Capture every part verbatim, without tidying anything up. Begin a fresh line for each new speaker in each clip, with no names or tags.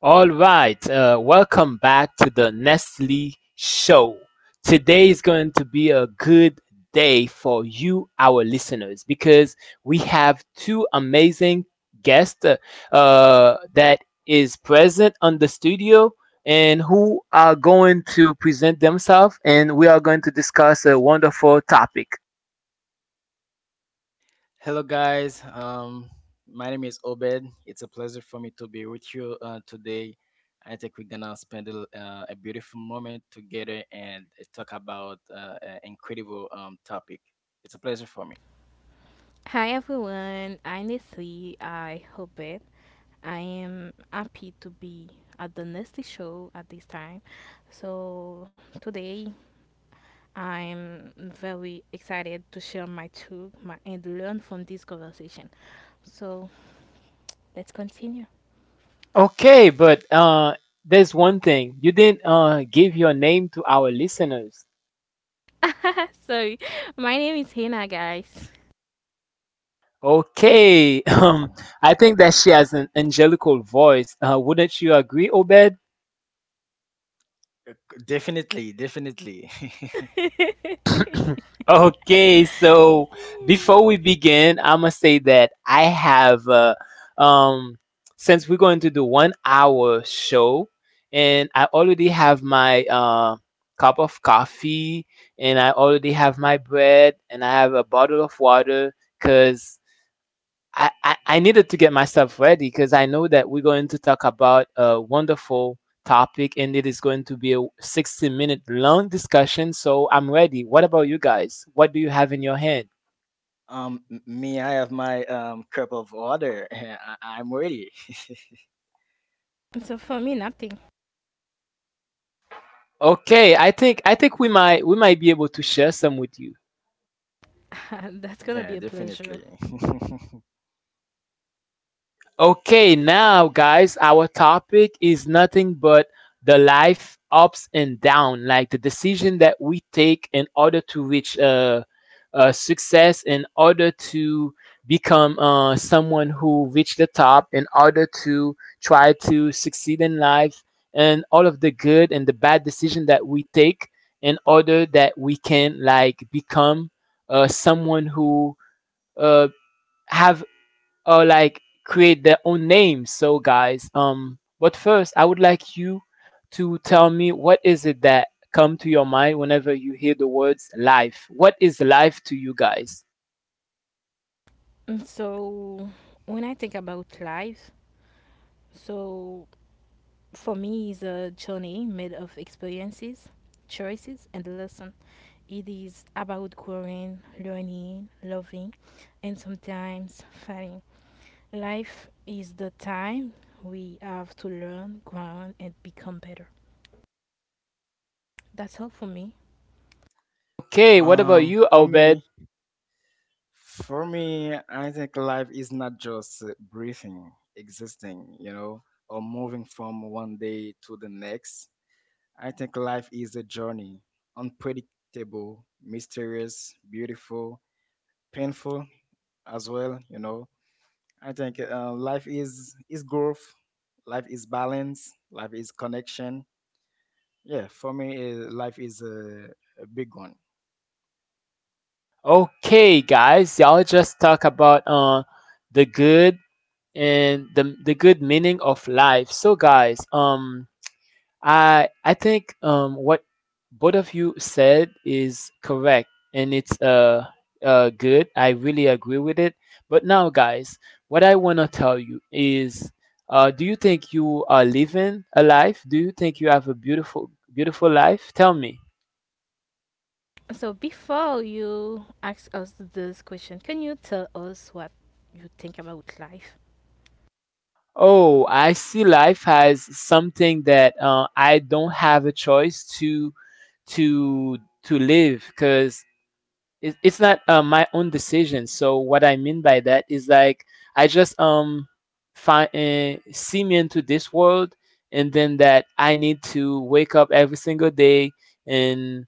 All right, uh, welcome back to the Nestle Show. Today is going to be a good day for you, our listeners, because we have two amazing guests uh, uh, that is present on the studio and who are going to present themselves, and we are going to discuss a wonderful topic.
Hello, guys. Um, my name is Obed. It's a pleasure for me to be with you uh, today. I think we're gonna spend a, l- uh, a beautiful moment together and talk about uh, an incredible um, topic. It's a pleasure for me.
Hi everyone, I'm Nessie. I hope it. I am happy to be at the Nessie show at this time. So today I'm very excited to share my truth my, and learn from this conversation. So let's continue.
Okay, but uh, there's one thing you didn't uh, give your name to our listeners.
So my name is Hannah, guys.
Okay, um, I think that she has an angelical voice. Uh, wouldn't you agree, Obed?
Uh, c- Definitely, definitely.
Okay, so before we begin, I'm gonna say that I have, uh, um, since we're going to do one hour show, and I already have my uh, cup of coffee, and I already have my bread, and I have a bottle of water, cause I, I, I needed to get myself ready because I know that we're going to talk about a wonderful topic and it is going to be a sixty minute long discussion. So I'm ready. What about you guys? What do you have in your hand?
Um, m- me, I have my um, cup of water. I- I'm ready.
So for me, nothing.
Okay, I think I think we might we might be able to share some with you.
That's
Yeah,
gonna be a
definitely.
pleasure.
Okay, now guys, our topic is nothing but the life ups and down, like the decision that we take in order to reach uh, uh success, in order to become uh someone who reach the top, in order to try to succeed in life, and all of the good and the bad decision that we take in order that we can like become uh someone who uh have or like create their own names. So guys, um but first I would like you to tell me what is it that come to your mind whenever you hear the words life? What is life to you guys?
And So when I think about life, so for me is a journey made of experiences, choices, and lessons. It is about growing, learning, loving, and sometimes failing. Life is the time we have to learn, grow, and become better. That's all for me.
Okay, what about
um,
you,
for me,
Obed?
For me, I think life is not just uh, breathing, existing, you know, or moving from one day to the next. I think life is a journey, unpredictable, mysterious, beautiful, painful as well, you know. I think uh, life is is growth, life is balance, life is connection. Yeah, for me, uh, life is a, a big one.
Okay, guys, y'all just talk about uh the good and the the good meaning of life. So guys, um I I think um what both of you said is correct and it's uh uh good. I really agree with it. But now guys, what I want to tell you is uh do you think you are living a life? Do you think you have a beautiful beautiful life? Tell me.
So, before you ask us this question, can you tell us what you think about life?
Oh, I see life as something that uh, I don't have a choice to to to live because it, it's not uh, my own decision. So what I mean by that is like I just um find uh, see me into this world, and then that I need to wake up every single day and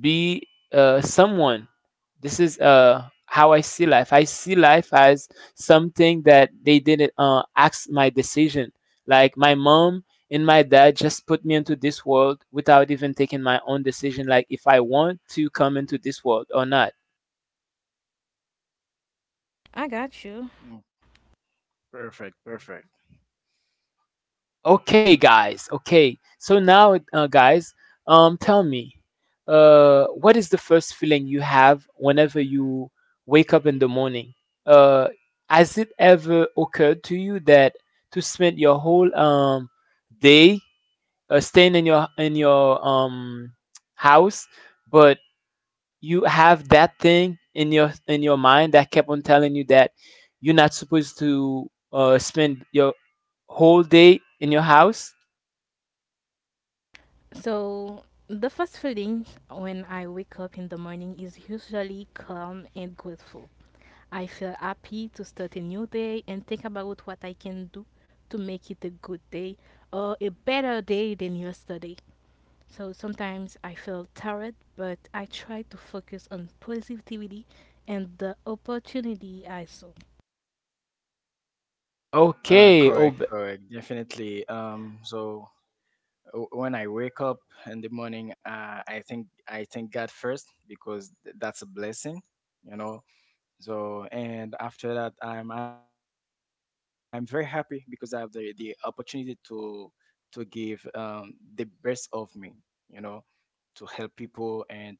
be uh, someone. This is uh how I see life. I see life as something that they didn't uh, ask my decision. Like my mom and my dad just put me into this world without even taking my own decision, like if I want to come into this world or not.
I got you.
Mm, Perfect, perfect.
Okay, guys. Okay. So now, uh, guys, um, tell me, uh, what is the first feeling you have whenever you wake up in the morning? Uh, has it ever occurred to you that to spend your whole um day uh, staying in your in your um house, but you have that thing in your in your mind that kept on telling you that you're not supposed to uh spend your whole day in your house?
So, the first feeling when I wake up in the morning is usually calm and grateful. I feel happy to start a new day and think about what I can do to make it a good day or a better day than yesterday. So sometimes I feel tired, but I try to focus on positivity and the opportunity I saw.
Uh,
Okay,
correct,
ob-
correct, definitely. Um, so w- when I wake up in the morning, uh, I think I thank God first because th- that's a blessing, you know. So and after that, I'm I'm very happy because I have the the opportunity to to give um, the best of me, you know, to help people and to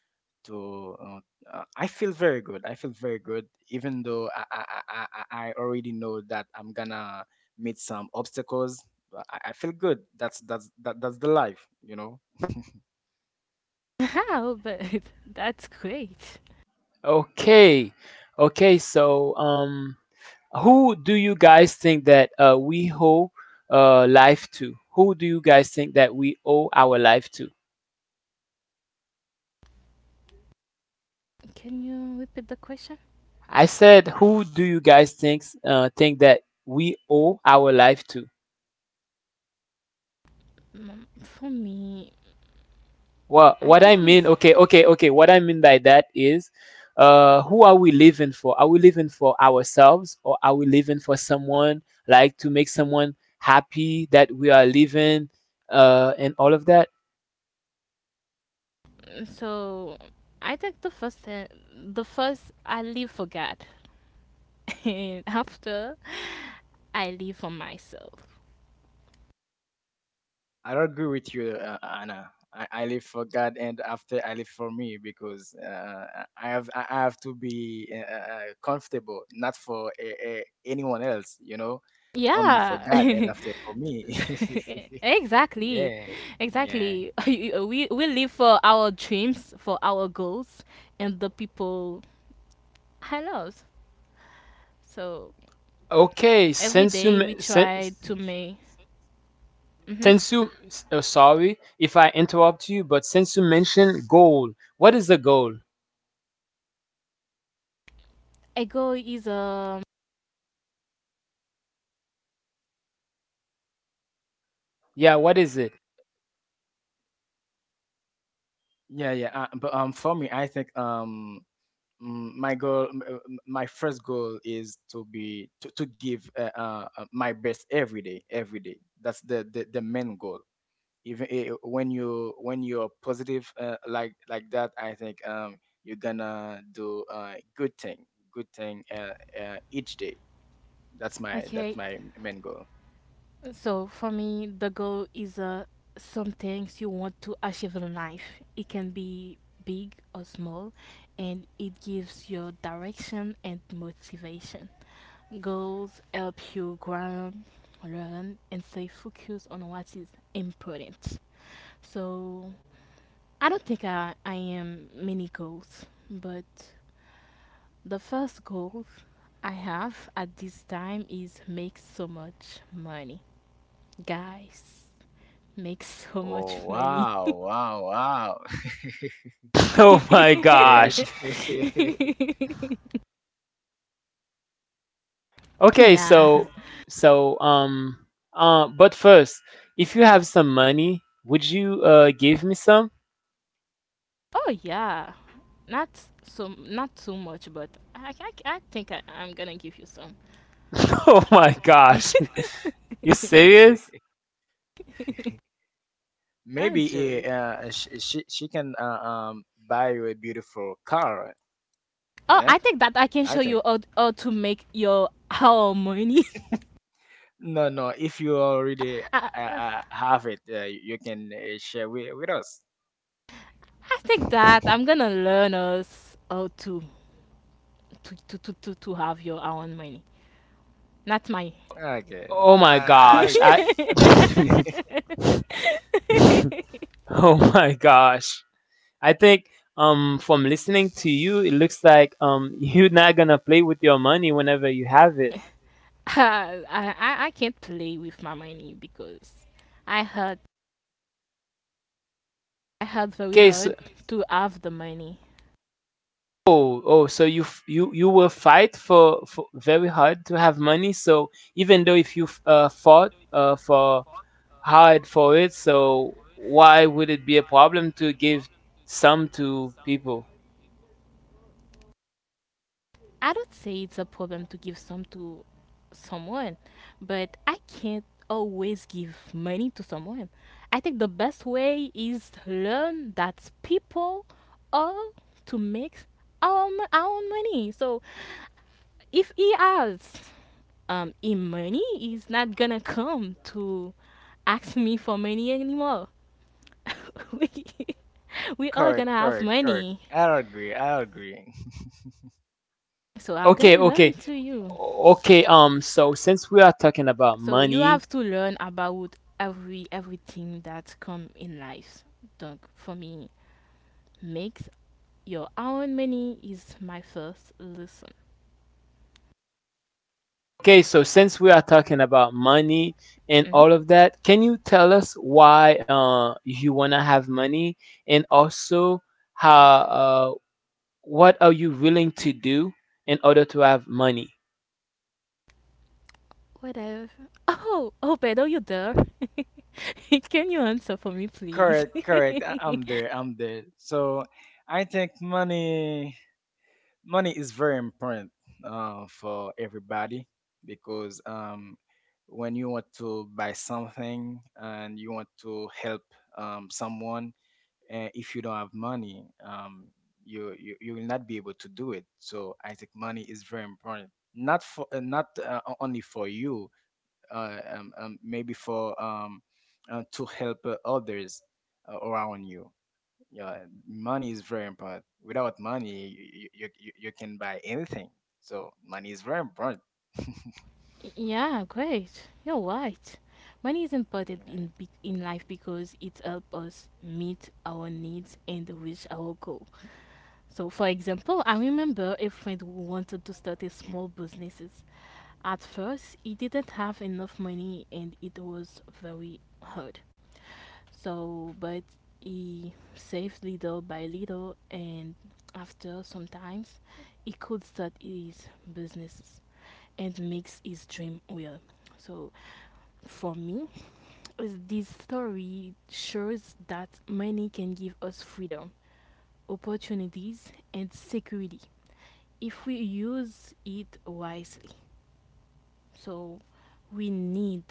to uh, uh, I feel very good. I feel very good, even though I I, I, I I already know that I'm gonna meet some obstacles. But I, I feel good. That's that's that, that's the life, you know.
How? But that's great.
okay, okay. So, um, who do you guys think that uh, we owe uh, life to? Who do you guys think that we owe our life to?
Can you repeat the question?
I said, who do you guys think uh, think that we owe our life to?
Mm, For me,
Well,
I
what I
think
mean,
it's.
okay, okay, okay. What I mean by that is, uh, who are we living for? Are we living for ourselves, or are we living for someone? Like to make someone happy that we are living, uh, and all of that.
So I take the first thing, the first I live for God, and after I live for myself.
I agree with you, uh, Anna. I, I live for God, and after I live for me because uh, I have I I have to be uh, uh, uh, comfortable, not for uh, uh, anyone else, you know, only for
Yeah,
God, and after for me.
exactly,
yeah, yeah.
exactly. we we live for our dreams, for our goals, and the people I love. So
Okay,
every
since you
day we
men-
try
since
to make. hmm
since you, s- uh, sorry if I interrupt you, but since you mentioned goal, what is the goal?
A goal is um
Yeah, what is it?
Yeah, yeah. Uh, but um, For me, I think um, mm, my goal, m- uh, m- my first goal is to be to, to give uh, uh, uh, my best every day, every day. That's the the, the main goal. Even i- i- when you when you're positive uh, like like that, I think um, you're gonna do uh, good thing, good thing uh, uh, each day. That's my that's
okay.
my main goal.
So for me, the goal is uh, some things you want to achieve in life. It can be big or small, and it gives you direction and motivation. Goals help you grow, learn, and stay focused on what is important. So I don't think I, I am many goals, but the first goal I have at this time is make so much money, guys. Make so much
Oh
money.
wow, wow, wow!
Oh my
Good.
gosh. Yeah, okay,
Yeah.
so so um uh but first, if you have some money, would you uh give me some?
Oh yeah. Not so not too much, but I I, I think I, I'm gonna give you some.
Oh my gosh. You serious?
I
Maybe eh,
joke.
uh, she, she she can uh, um buy you a beautiful car.
Oh,
Eh?
I think that I can show
I
you
think
how, how to make your how money.
no, no, if you already
I,
uh, uh, have it, uh, you can uh, share with, with us.
I think that I'm gonna learn us how to to, to, to, to to have your own money. Not my.
Okay,
Oh
I,
my
I
gosh. I
agree. That's a bit.
Oh my gosh. I think um from listening to you, it looks like um you're not gonna play with your money whenever you have it.
I, I I can't play with my money because I had I had very
Okay.
hard to have the money.
Oh, oh, so you f- you you will fight for, for very hard to have money. So even though if you f- uh, fought uh, for hard for it, so why would it be a problem to give some to people?
I don't say it's a problem to give some to someone, but I can't always give money to someone. I think the best way is to learn that people are to make our mo- our own money. So if he asks um him money, he's not gonna come to ask me for money anymore. we, we all gonna
Correct,
have
correct, correct.
money.
I agree. I agree.
So I'm gonna
Okay,
learn
okay,
to you.
o- okay. Um, so since we are talking about
So you
money,
have to learn about every everything that come in life. Donc for me, make your own money is my first lesson.
okay, so since we are talking about money and
Mhm.
all of that, can you tell us why uh, you want to have money and also how uh, what are you willing to do in order to have money?
Whatever. Oh, oh, Pedro, you there? Can you answer for me, please?
correct correct. I, I'm there. I'm there. So I think money money is very important uh, for everybody because um, when you want to buy something and you want to help um, someone, uh, if you don't have money, um, you, you you will not be able to do it. So I think money is very important, not for uh, not uh, o- only for you, uh, um, um, maybe for um, uh, to help uh, others uh, around you. Yeah, money is very important. Without money, you you, you, you can buy anything. So money is very important.
Yeah, great. You're right. Money is important in
Yeah.
be- in life because it helps us meet our needs and reach our goal. So, for example, I remember a friend who wanted to start a small businesses. At first, he didn't have enough money and it was very hard. So, but he saved little by little, and after sometimes, he could start his businesses and makes his dream real. So, for me, is this story shows that money can give us freedom, opportunities, and security if we use it wisely. So, we need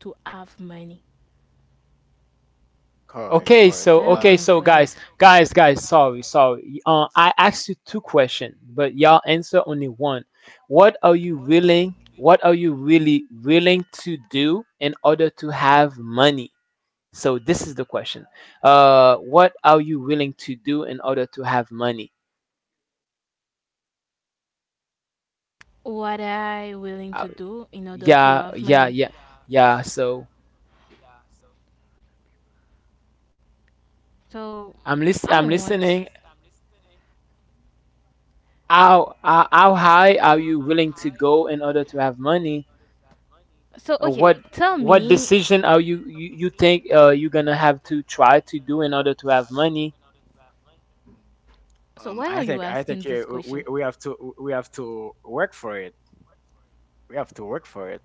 to have money.
Correct,
That's
Okay,
correct.
so
very
I
okay, so
agree.
important.
guys, guys, guys, sorry, sorry. Uh, I asked you two questions, but y'all answer only one. What are you willing? What are you really willing to do in order to have money? So this is the question. Uh, what are you willing to do in order to have money?
What I willing to
Uh,
do in order to
yeah,
have
yeah,
money.
yeah, yeah. So
So
I'm list- I'm
I
listening.
want.
How, how how high are you willing to go in order to have money?
So
Uh,
okay,
what
tell
what
me.
decision are you you, you think uh, you're gonna have to try to do in order to have money?
So
Um,
why are
I
you
think I
asking
think
this
uh,
question?
we we have to we have to work for it. We have to work for it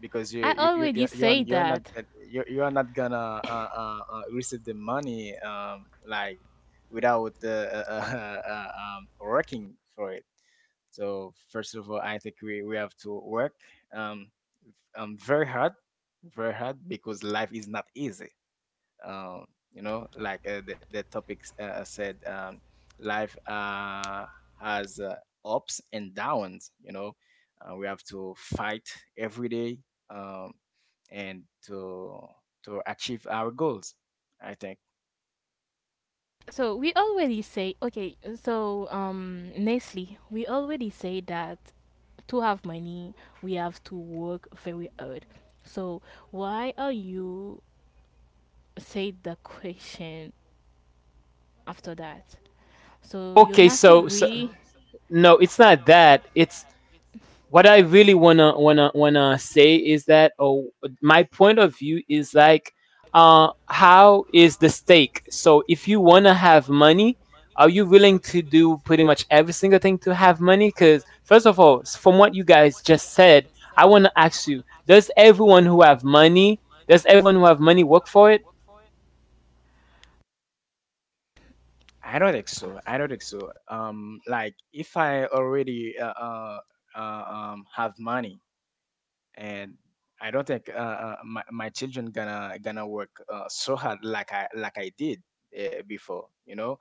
because
I
you you you
already
you-
say
you're you're not,
that.
you you are not gonna uh, uh, uh, receive the money um like without uh, uh, uh, uh, um working for it. So first of all, I think we, we have to work um, um very hard, very hard because life is not easy. Um, you know, like uh, the, the topics uh, said, um, life uh, has uh, ups and downs. You know, uh, we have to fight every day, um, and to to achieve our goals. I think.
So we already say okay. So um, Nestle, we already say that to have money we have to work very hard. So why are you say the question after that? So you're
Okay,
not
so so
agree?
no, it's not that. It's what I really wanna wanna wanna say is that oh, my point of view is like uh, how is the stake? So if you wanna have money, are you willing to do pretty much every single thing to have money? Because first of all, s- from what you guys just said, I wanna ask you: does everyone who have money, does everyone who have money work for it?
I don't think so. I don't think so. Um, like if I already uh, uh, uh, um, have money, and I don't think uh, uh, my, my children gonna gonna work uh, so hard like I like I did uh, before. You know,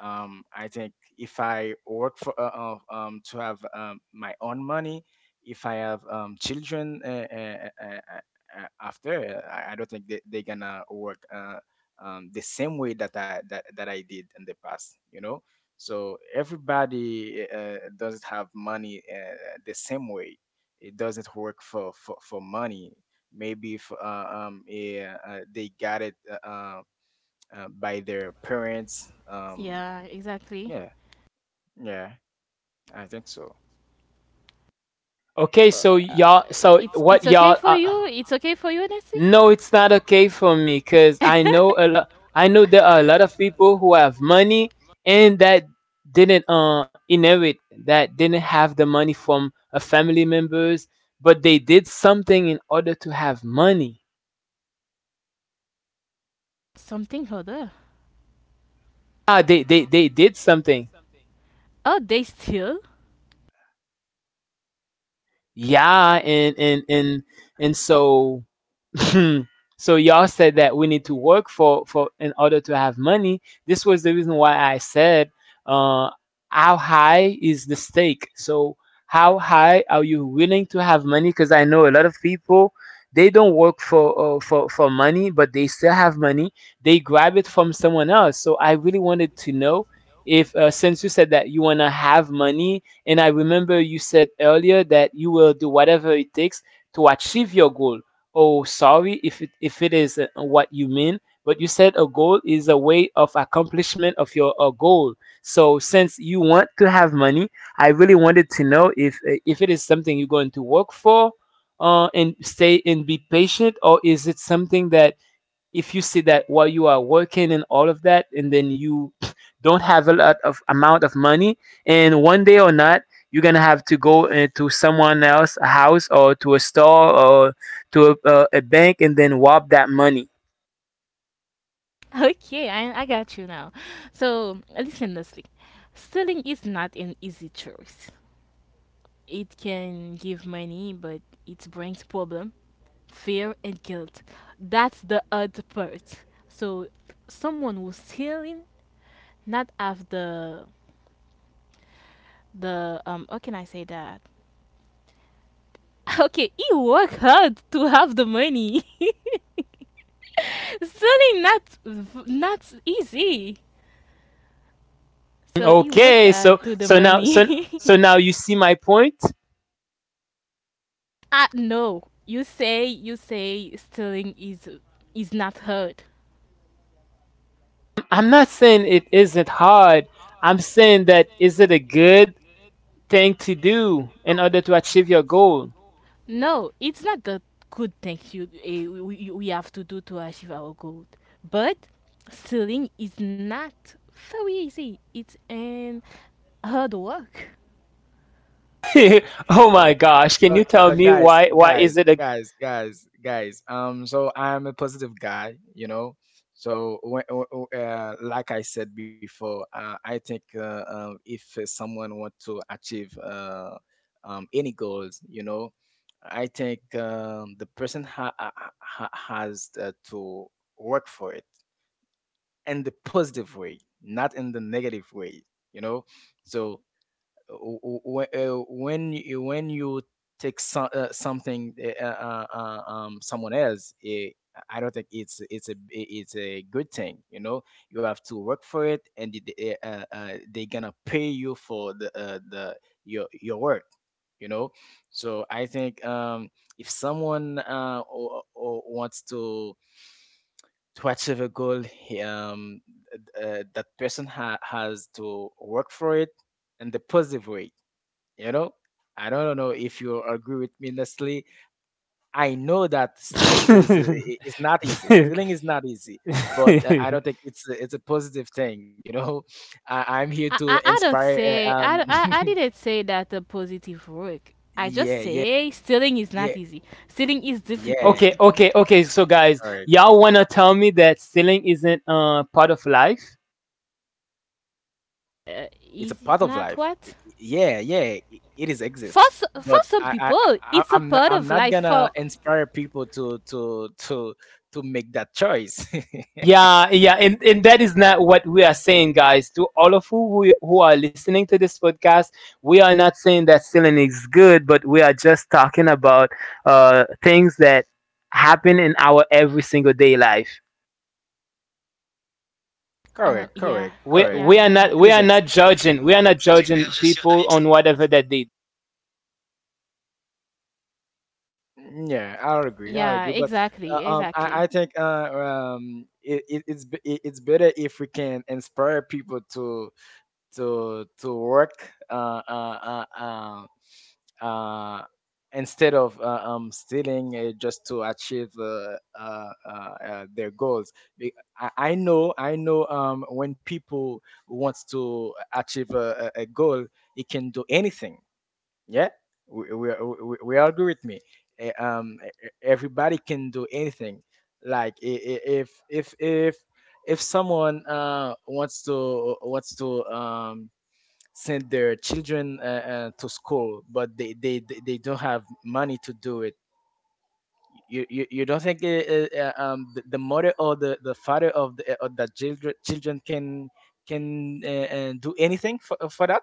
um, I think if I work for uh, uh, um, to have um, my own money, if I have um, children uh, uh, uh, uh, uh, after, uh, I I don't think they, they're gonna work uh, um, the same way that I that, that I did in the past. You know, so everybody uh, doesn't have money uh, the same way. It doesn't work for for, for money. Maybe if uh, um, eh, uh, they got it uh, uh, uh, by their parents. Um,
Yeah, exactly.
yeah, yeah, I think so.
Okay, so
uh,
y'all, so
it's
what
it's okay
y'all
for
uh,
you. It's okay for you, Nancy.
No, it's not okay for me because I know a lot. I know there are a lot of people who have money and that didn't uh inherit, that didn't have the money from a family members, but they did something in order to have money.
Something other.
Ah, they they they did something.
Oh, they steal.
Yeah, and and and and so so y'all said that we need to work for for in order to have money. This was the reason why I said uh, how high is the stake. So how high are you willing to have money? Because I know a lot of people they don't work for uh, for for money, but they still have money. They grab it from someone else. So I really wanted to know if uh, since you said that you wanna have money, and I remember you said earlier that you will do whatever it takes to achieve your goal. Oh, sorry if it, if it is uh, what you mean, but you said a goal is a way of accomplishment of your a goal. So since you want to have money, I really wanted to know if uh, if it is something you're going to work for, uh, and stay and be patient, or is it something that if you see that while you are working and all of that and then you don't have a lot of amount of money and one day or not you're gonna have to go uh, to someone else a house or to a store or to a, a, a bank and then rob that money.
Okay, I I got you now. So listen, Leslie. Stealing is not an easy choice. It can give money, but it brings problem, fear, and guilt. That's the odd part. So someone who's stealing not have the the um how can I say that? Okay, he work hard to have the money. It's really not not easy. So it works
Okay,
uh,
so
Y-
to the
so now so
money.
so now you see my point.
Ah no, you say you say stealing is is not hard.
I'm not saying it isn't hard, I'm saying that is it a good thing to do in order to achieve your goal.
No, it's not the good thing you uh, we, we have to do to achieve our goal. But stealing is not very easy. It's an hard work.
Oh my gosh, can
Uh,
you tell
uh,
me
Guys,
why why is
guys,
it a
guys, guys, guys. Um, so I'm a positive guy, you know. So when, w- w- uh, like I said before, uh, I think uh, um, if uh, someone want to achieve uh, um, any goals, you know, I think um, the person ha- ha- ha- has uh, to work for it in the positive way, not in the negative way, you know. So w- w- uh, when you, when you take so, uh, something uh, uh, uh, uh, um, someone else it, I don't think it's it's a it's a good thing, you know. You have to work for it and they, uh, uh, they're gonna pay you for the uh, the your your work, you know. So I think um if someone uh or, or wants to to achieve a goal he, um uh, that person ha- has to work for it in the positive way, you know. I don't know if you agree with me, Nestle. I know that stealing is uh, i- is not easy. Stealing is not easy, but uh, I don't think it's a- it's a positive thing. You know, I, I'm here
I,
to
I, I don't
inspire. Uh,
say I,
um,
I I didn't say that the positive work. I just
yeah, yeah,
say stealing is
yeah,
not easy. Stealing is
yeah.
difficult.
okay, okay,
Mm,
okay. So guys,
Correct.
y'all wanna tell me that stealing isn't uh part of life?
uh,
It's a
Is
part
it
of
not
life. I-
what?
i- Yeah, yeah. i- It is
For
exist.
s- for
But
some
I, I,
people,
I
it's a
I'm not,
part
I'm
of
not
life.
gonna
For
inspire people to to to to make that choice.
Yeah, yeah, and, and that is not what we are saying, guys. To all of who who who are listening to this podcast, we are not saying that stealing is good, but we are just talking about uh things that happen in our every single day life.
uh
Correct,
yeah
correct,
We
correct.
we are
yeah yeah
not
It
we
is
are not
exist.
judging we are not judging people on whatever that they
Mm, Yeah, I agree. I
yeah
agree, but
exactly
uh, um,
exactly.
I, I think uh, um, it, it, it's be- it, it's better if we can inspire people to to to work, uh, uh, uh, uh, uh, instead of uh, um, stealing uh, just to achieve uh, uh, uh, uh, their goals. Be- I, I know, I know, um, when people wants to achieve a, a a goal, it can do anything. Yeah, we we, we, we all agree with me. Eh, Um, e- e- everybody can do anything. Like i- i- if if if if someone uh wants to wants to um send their children uh, uh, to school, but they, they they they don't have money to do it. You, you, you don't think uh, uh, um, the, the mother or the, the father of the eh, of the children children can can uh, uh, do anything for for that?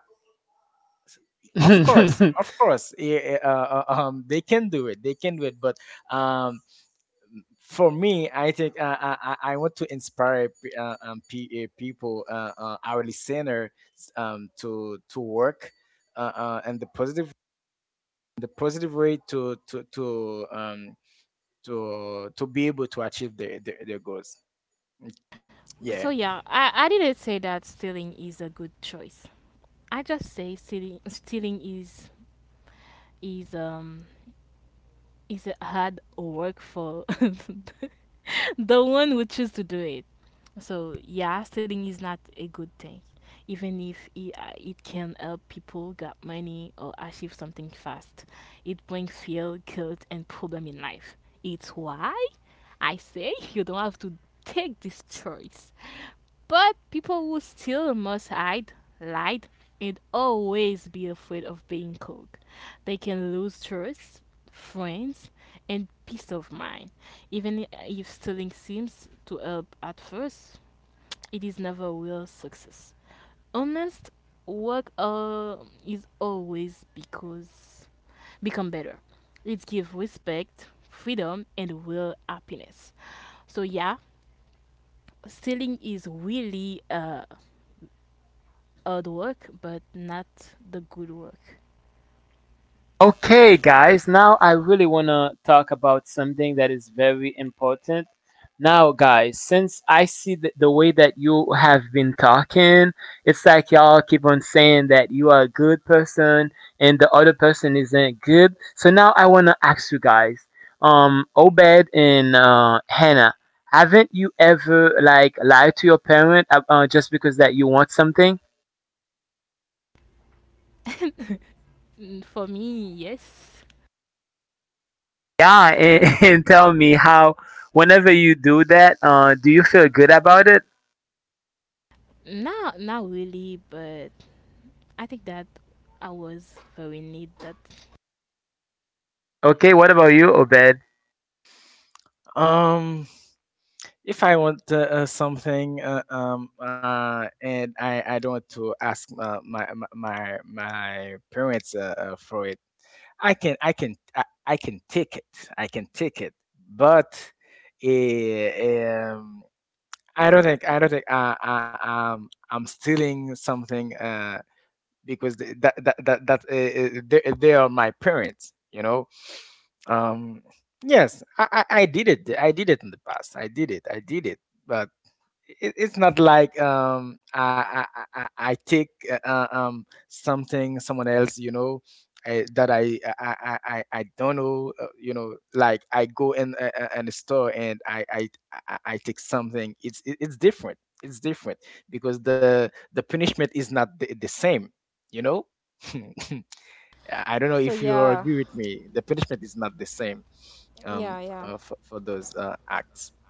Of course, of course, eh, eh, uh, uh, um, they can do it. They can do it. But um, for me, I think uh, I, I I want to inspire p- uh, um, p- eh, people, uh, uh, our listener, s- um, to to work, uh, uh, and the positive, the positive way to to to um, to to be able to achieve their their, their goals.
So
Yeah.
yeah, I I didn't say that stealing is a good choice. I just say stealing stealing is is um is hard or work for the one who choose to do it. So yeah, stealing is not a good thing, even if it, uh, it can help people get money or achieve something fast. It brings fear, guilt, and problem in life. It's why I say you don't have to take this choice. But people who still must hide, lied, and always be afraid of being caught. They can lose trust, friends, and peace of mind. Even if stealing seems to help at first, it is never real success. Honest work uh, is always because become better. It gives respect, freedom, and real happiness. So yeah, stealing is really uh, hard work, but not the good work.
Okay, guys, now I really want to talk about something that is very important. Now, guys, since I see the, the way that you have been talking, it's like y'all keep on saying that you are a good person and the other person isn't good. So now I want to ask you guys, um, Obed and uh, Hannah, haven't you ever like lied to your parent uh, uh, just because that you want something?
Mm, For me, yes.
Yeah, and, and tell me how, whenever you do that, uh, do you feel good about it?
Not not really, but I think that I was very need that.
Okay, what about you, Obed?
Um. If I want uh, uh, something uh, um uh and I I don't want to ask uh, my my my my parents uh, uh, for it, I can I can I, I can take it, I can take it, but eh, um I don't think, I don't think I, I um I'm stealing something, uh because th- that that that that uh, uh, they, they are my parents, you know. um yes, I, I I did it, I did it in the past, I did it, I did it, but it, it's not like um I I I, I I take uh, uh, um something someone else, you know. I, that I, I I I I don't know, uh, you know, like I go in a, a- in a store and I I I I take something. It's it- it's different, it's different because the the punishment is not the, the same, you know. I don't know
So
if you
yeah,
agree with me, the punishment is not the same
yeah,
um
yeah.
uh, for, for those uh, acts.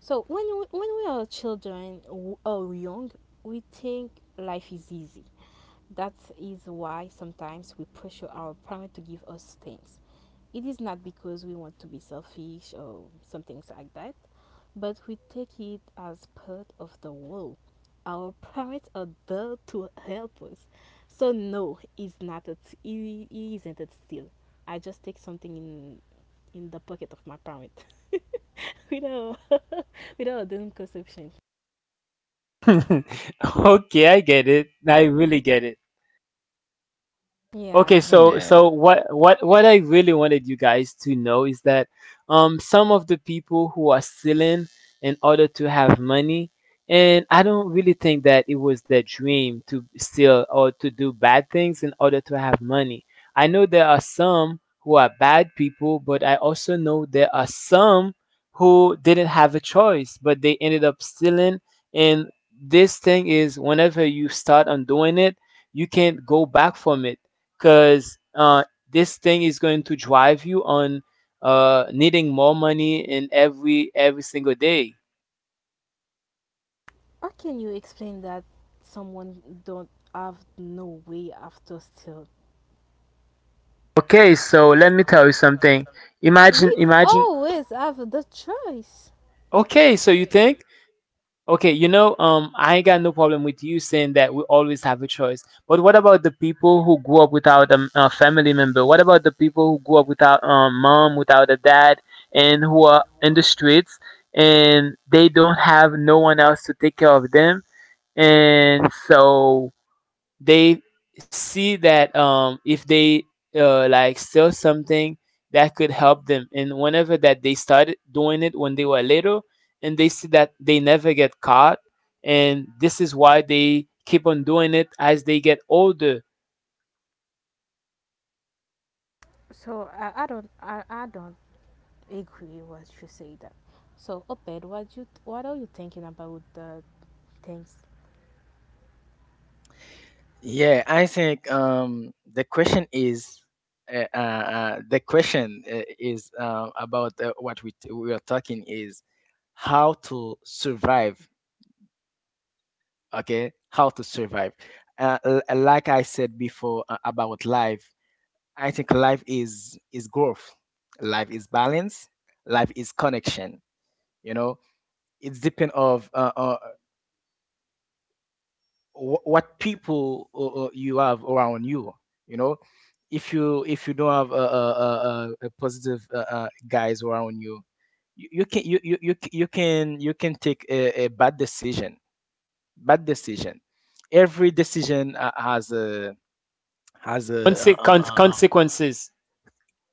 So when we, when we are children w- or young, we think life is easy. That is why sometimes we pressure our parents to give us things. It is not because we want to be selfish or some things like that, but we take it as part of the world. Our parents are there to help us. So no, it's not it, it isn't it still. I just take something in in the pocket of my parent. You know, without a conception.
Okay, I get it. I really get it. Okay,
Yeah.
Hmm,
so
yeah,
so what what what I really wanted you guys to know is that um some of the people who are stealing in order to have money, and I don't really think that it was their dream to steal or to do bad things in order to have money. I know there are some who are bad people, but I also know there are some who didn't have a choice, but they ended up stealing. And this thing is whenever you start on doing it, you can't go back from it because uh, this thing is going to drive you on uh, needing more money in every every single day.
How can you explain that someone don't have no way after still?
Okay, so let me tell you something. Imagine,
We
imagine.
always have the choice.
Okay, so you think? Okay, you know, um, I ain't got no problem with you saying that we always have a choice. But what about the people who grew up without a, a family member? What about the people who grew up without a mom, without a dad, and who are in the streets and they don't have no one else to take care of them? And so they see that um, if they uh, like sell something that could help them, and whenever that they started doing it when they were little and they see that they never get caught, and this is why they keep on doing it as they get older.
So I, I don't I, I don't agree what you say that. So Oped, what you what are you thinking about the things?
Yeah, I think um, the question is, uh, uh, uh, the question uh, is uh, about uh, what we t- we are talking is how to survive. Okay, how to survive. Uh, l- like I said before uh, about life, I think life is is growth. Life is balance. Life is connection. You know, it's depend of uh, uh, wh- what people uh, uh, you have around you you know if you if you don't have a, a, a, a a positive uh, uh, guys around you, you, you can you, you you c- you can you can take a, a bad decision, bad decision Every decision uh, has a has a uh,
Conse-
uh,
con-
uh, um,
consequences.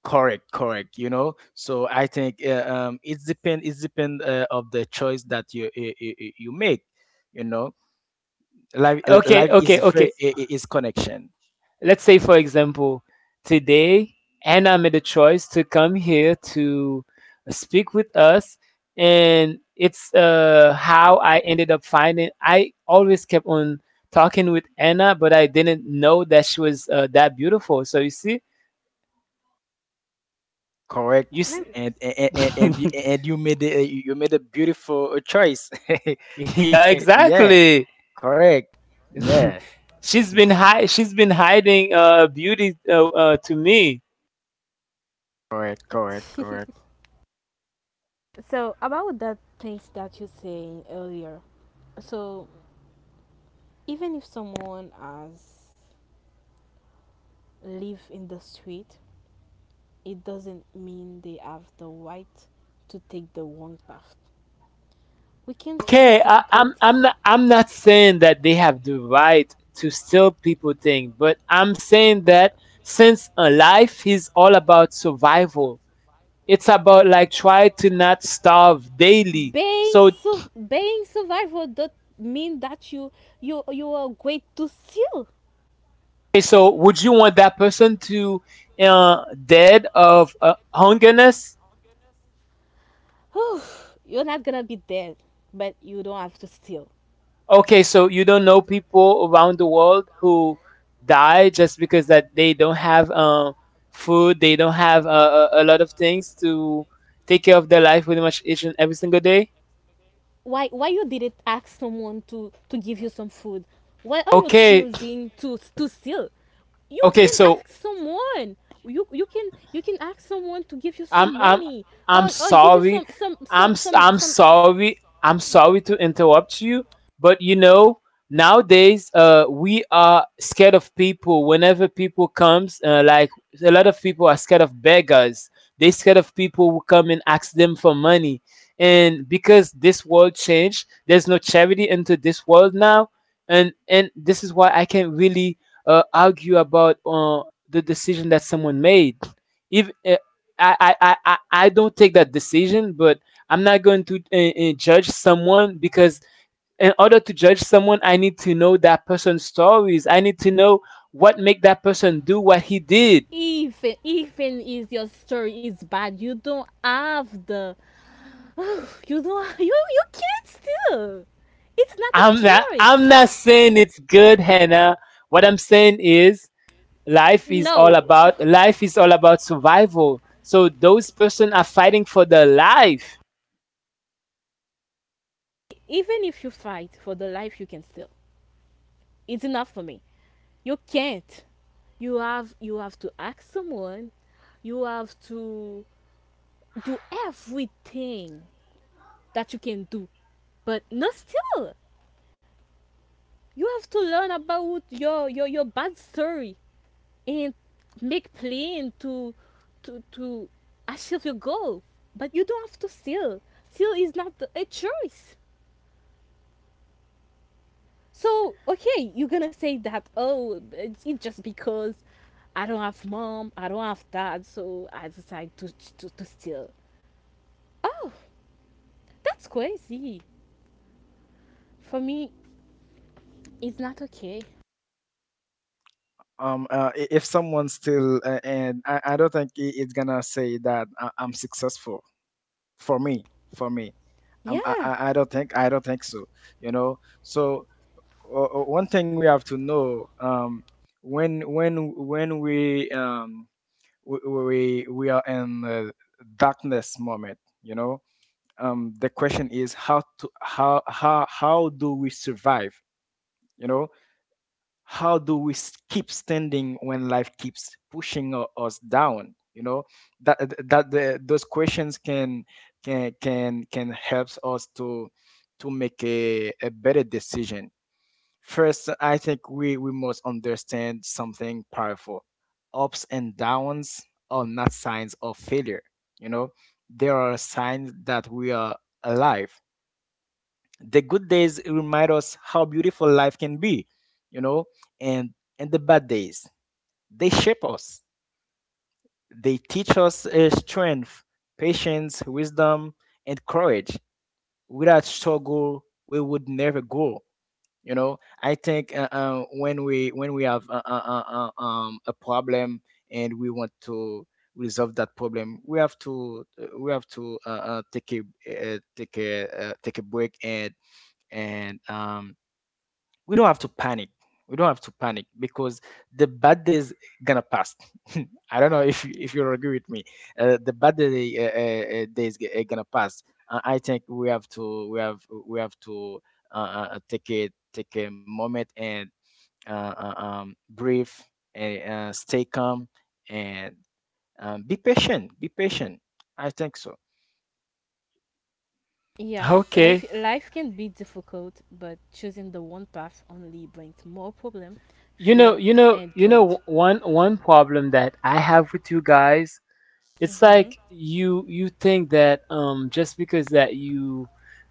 correct, correct. You know so I think uh, um, it's depend it's depend uh, of the choice that you, you you you make you know life
okay
life is
okay
very
okay
i- i- is connection.
Let's say, for example, today Anna made a choice to come here to speak with us, and it's uh, how I ended up finding. I always kept on talking with Anna, but I didn't know that she was uh, that beautiful. So you see,
Correct.
you
Nem-
see,
and and and, and, you, and you made a, you made a beautiful choice.
yeah,
Yeah.
exactly.
Correct. Yeah,
She's been hi- she's been hiding uh, beauty uh, uh, to me.
correct, correct, correct.
So about that things that you saying earlier. So even if someone has live in the street it doesn't mean they have the right to take the wrong path. We can face
Okay, I, i'm i'm
difficulties.
not i'm not saying that they have the right to steal people things, but I'm saying that since a life is all about survival, it's about like try to not starve daily,
Being
so
su- being survival does mean that you you you are great to steal.
okay, so would you want that person to uh dead of uh, hungerness?
You're not gonna be dead, but you don't have to steal.
Okay, so you don't know people around the world who die just because that they don't have uh, food, they don't have uh, a, a lot of things to take care of their life pretty much each and every single day.
Why why you didn't ask someone to to give you some food? Why are you
Okay,
choosing to to steal? You
okay,
can
so
ask someone. You you can you can ask someone to give you
I'm
some
I'm
money,
I'm
or, or give you
sorry.
some some
I'm
some
s-
some
I'm
some.
sorry. I'm sorry to interrupt you, but you know, nowadays uh we are scared of people whenever people comes uh, like a lot of people are scared of beggars. They scared of people who come and ask them for money. And because this world changed, there's no charity into this world now. And and this is why I can't really uh, argue about uh, the decision that someone made. If uh, I, I, I, I I don't take that decision, but I'm not going to uh, uh, judge someone because in order to judge someone, I need to know that person's stories. I need to know what make that person do what he did.
Even even if your story is bad you don't have the you don't you you can't steal. It's not a
I'm not I'm not
choice.
saying it's good, Hannah. What I'm saying is life is all
No,
about life is all about survival. So those person are fighting for their life.
even if you fight for the life you can steal. It's enough for me. You can't. You have you have to ask someone. You have to do everything that you can do. But no still. You have to learn about your your, your bad story and make plan to to to achieve your goal. But you don't have to steal. Steal is not a choice. So, okay, you're gonna say that, oh, it's it's just because I don't have mom, I don't have dad, so I decide to, to, to steal. Oh, that's crazy. For me, it's not okay.
Um uh, i- if someone still, uh, and I, I don't think i- it's gonna say that I, i'm successful. For me, for me, um, I,
Yeah,
I I don't think i don't think so you know So o- o- one thing we have to know, um, when when when we, um, we we we are in the darkness moment. you know um, the question is how to how how how do we survive you know how do we s- keep standing when life keeps pushing u- us down you know that that the, those questions can can can can helps us to to make a, a better decision. First, I think we, we must understand something powerful. Ups and downs are not signs of failure. You know, they are signs that we are alive. The good days remind us how beautiful life can be, you know, and and the bad days, they shape us. They teach us uh, strength, patience, wisdom, and courage. Without struggle we would never grow. you know I think uh, uh, when we when we have uh, uh, uh, uh, um, a problem, and we want to resolve that problem we have to, uh, we have to, uh, uh, take a, uh, take a uh, take a break. And and um we don't have to panic. We don't have to panic because the bad days gonna pass. I don't know if you- if you agree with me. Uh, the bad day, uh, uh, uh, days g- are gonna pass. Uh, I think we have to we have we have to uh, uh, uh, take a take a moment and, uh, uh, um, breathe, and uh, stay calm, and um, be patient. Be patient. I think so.
yeah.
Okay.
Life, life can be difficult, but choosing the one path only brings more problem,
You know,
fear,
you know,
and
you know
guilt.
one one problem that I have with you guys. It's
hmm
like you you think that um just because that you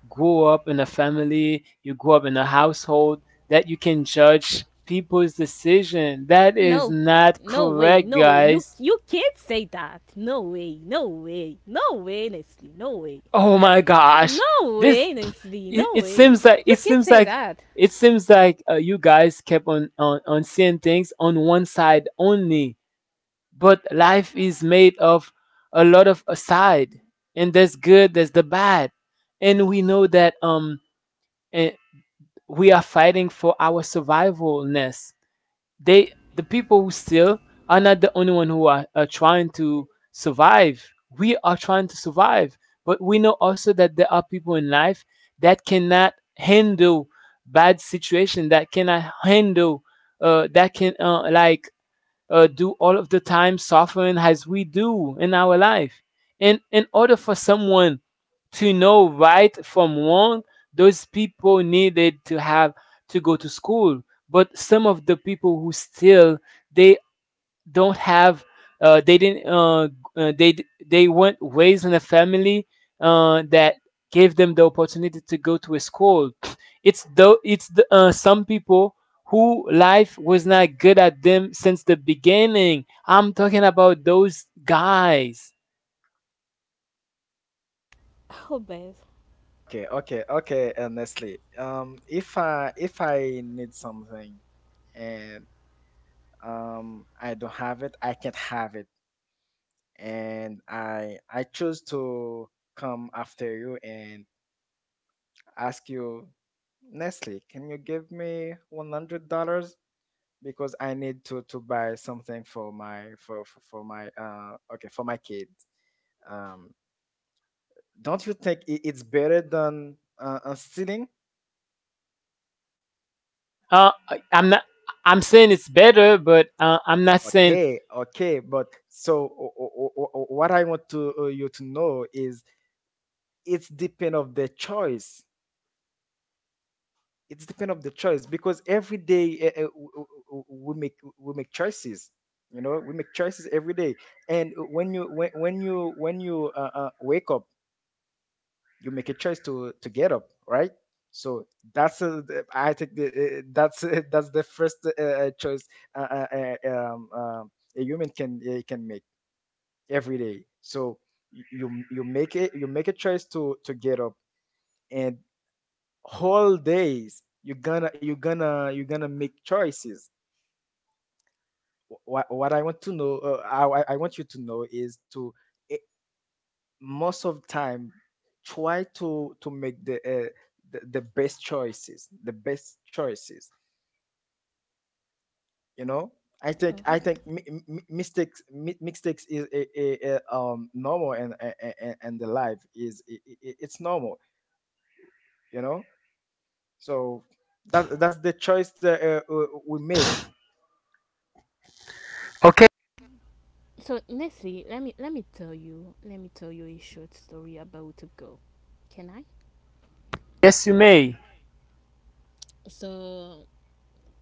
grew up in a family, you grew up in a household that you can judge people's decision. That is
No,
not
no way,
correct,
no way. You
guys.
you can't say that. No way, no way, no way, Nestle, no way.
Oh my
No
gosh. This
way, Nesri.
it,
No
it
way.
seems like
You
it
can't
seems
say
like
that.
it seems like uh, you guys kept on, on on seeing things on one side only, but life is made of a lot of aside, and there's good, there's the bad, and we know that um eh, we are fighting for our survivalness. They the people who still are not the only one who are, are trying to survive. We are trying to survive, but we know also that there are people in life that cannot handle bad situation, that cannot handle uh, that can uh, like uh, do all of the time suffering as we do in our life. And in order for someone to know right from wrong, those people needed to have to go to school. But some of the people who still, they don't have uh, they didn't uh, uh, they d- they weren't raised in a family uh, that gave them the opportunity to go to a school. It's though it's the, uh, some people who life was not good at them since the beginning. I'm talking about those guys.
Oh, Beth.
Okay, okay, okay. Honestly, um, if I if I need something, and um I don't have it, I can't have it, and i i choose to come after you and ask you, Nestle, can you give me one hundred dollars, because I need to to buy something for my, for for, for my, uh okay, for my kid. um don't you think i- it's better than uh, uh, stealing?
Uh, I- I'm not. I'm saying it's better, but uh, I'm not saying
Okay, okay, but so o- o- o- o- what I want to, uh, you to know is, it's depend of the choice, it's depend of the choice, because every day uh, uh, w- w- w- we make we make choices. You know we make choices every day. And when you, when, when you when you uh, uh, wake up, you make a choice to to get up, right? So that's, uh, the- I think the, uh, that's uh, that's the first uh, uh, choice uh, uh, uh, um, um, a human can, uh, can make, every day. So y- you you make it, you make a choice to to get up, and whole days you're gonna you're gonna you're gonna make choices. what, what I want to know uh, I, I I want you to know is to, eh, most of time, try to to make the, uh, the the best choices, the best choices. You know, i think
Mhm.
i think mi- mi- mistakes mi- mistakes is a, a, a, um normal, and a- a- a- and the life is i i- i- it's normal. You know. So that that's the choice that uh, uh, we make.
okay.
So, Nesri, let me let me tell you let me tell you a short story about a girl. Can I?
Yes, you may.
So,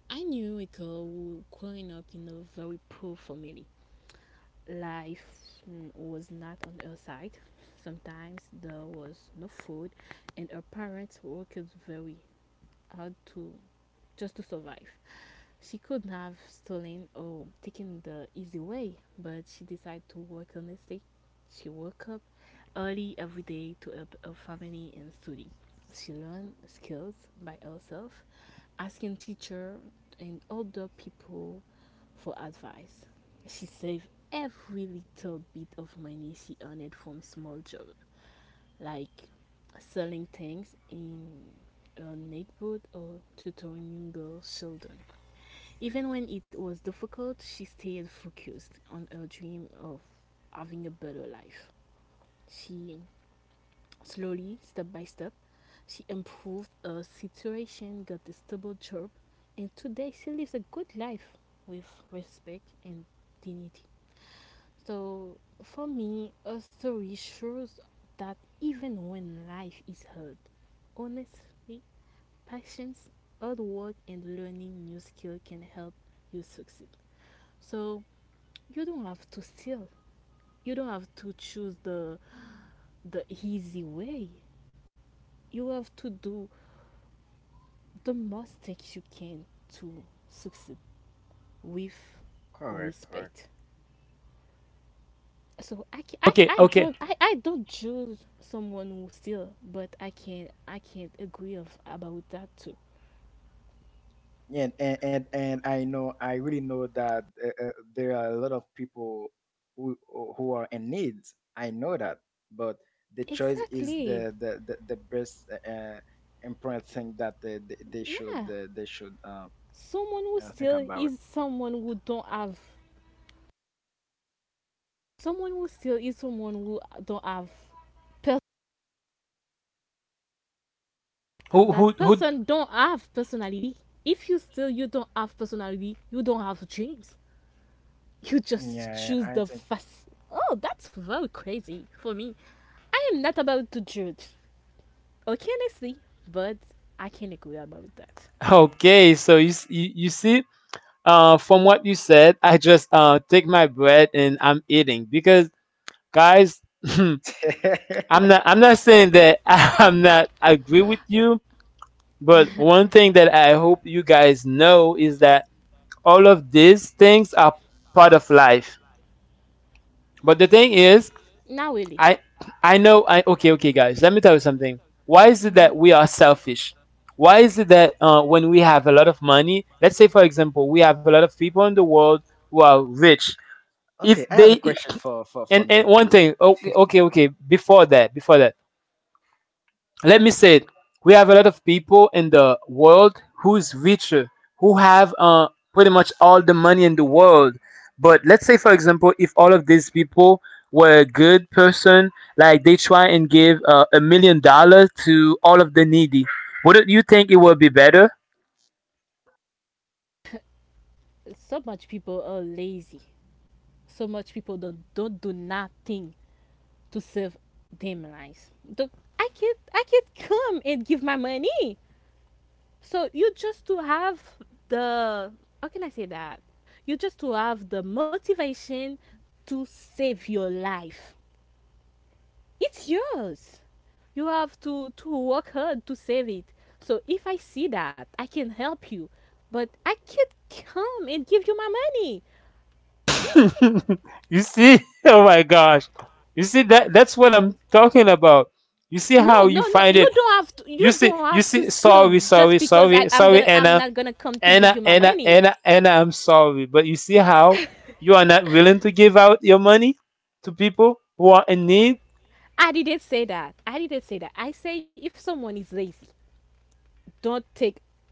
I knew a girl who growing up in a very poor family. Life mm, was not on her side. Sometimes there was no food, and her parents worked very hard to just to survive. She could have stolen or taken the easy way, but she decided to work honestly. She woke up early every day to help her family and study. She learned skills by herself, asking teacher and older people for advice. She saved every little bit of money she earned from small job like selling things in a neighborhood or tutoring girl children. Even when it was difficult, she stayed focused on her dream of having a better life. She slowly, step by step, she improved her situation, got a stable job, and today she lives a good life with respect and dignity. So for me, a story shows that even when life is hard, honestly, patience, hard work, and learning new skill can help you succeed. So you don't have to steal. You don't have to choose the the easy way. You have to do the most things you can to succeed with
Correct, correct.
respect. So I, ca- I,
Okay,
I
okay.
don't I, I don't judge someone who steal, but I can't I can't agree of, about that too.
and and and, and I know I really know that uh, uh, there are a lot of people who who are in need. I know that, but the choice is
Exactly.
the the the, the best, uh, important thing that they, they they
Yeah,
should uh, they should uh,
someone who
uh, think
steal
about.
is someone who don't have, someone who steal is someone who don't have per-
Who who
that
who?
person don't have personality. If you steal, you don't have personality, you don't have dreams, you just
Yeah,
choose
I
the
think.
fast. Oh, that's very crazy for me. I am not about to judge. Okay, honestly, but I can't agree about that.
Okay, so you s- you, you see uh, from what you said, I just uh, take my bread and I'm eating because guys, I'm not I'm not saying that I'm not agree with you, but one thing that I hope you guys know is that all of these things are part of life. But the thing is,
Not really.
I I know I okay okay guys, let me tell you something. Why is it that we are selfish? Why is it that uh, when we have a lot of money, let's say for example, we have a lot of people in the world who are rich, if
Okay, I have a
they
question for for for
and and one
Nestle.
thing okay okay okay before that before that let me say it. We have a lot of people in the world who's richer, who have uh pretty much all the money in the world, but let's say for example, if all of these people were a good person, like they try and give uh, a million dollars to all of the needy, wouldn't you think it would be better?
So much people are lazy. So much people don't, don't do nothing to save them lives. The- I can't I can't come and give my money. So you just to have the, how can I say that? You just to have the motivation to save your life. It's yours. You have to to work hard to save it. So if I see that, I can help you. But I can't come and give you my money.
You see, oh my gosh, you see that that's what I'm talking about. You see
No,
how you
no, no.
find it?
You don't have to.
You
You
see,
don't
you
have to
see,
steal
sorry,
just
sorry,
because I
sorry,
i am
sorry,
gonna. I'm
Anna,
not gonna come to give
Anna,
you my
Anna,
money.
Anna, Anna, I'm sorry. But you see how you are not willing to give out your money to people who are in need?
I didn't say that. I didn't say that. I say if someone is lazy, don't take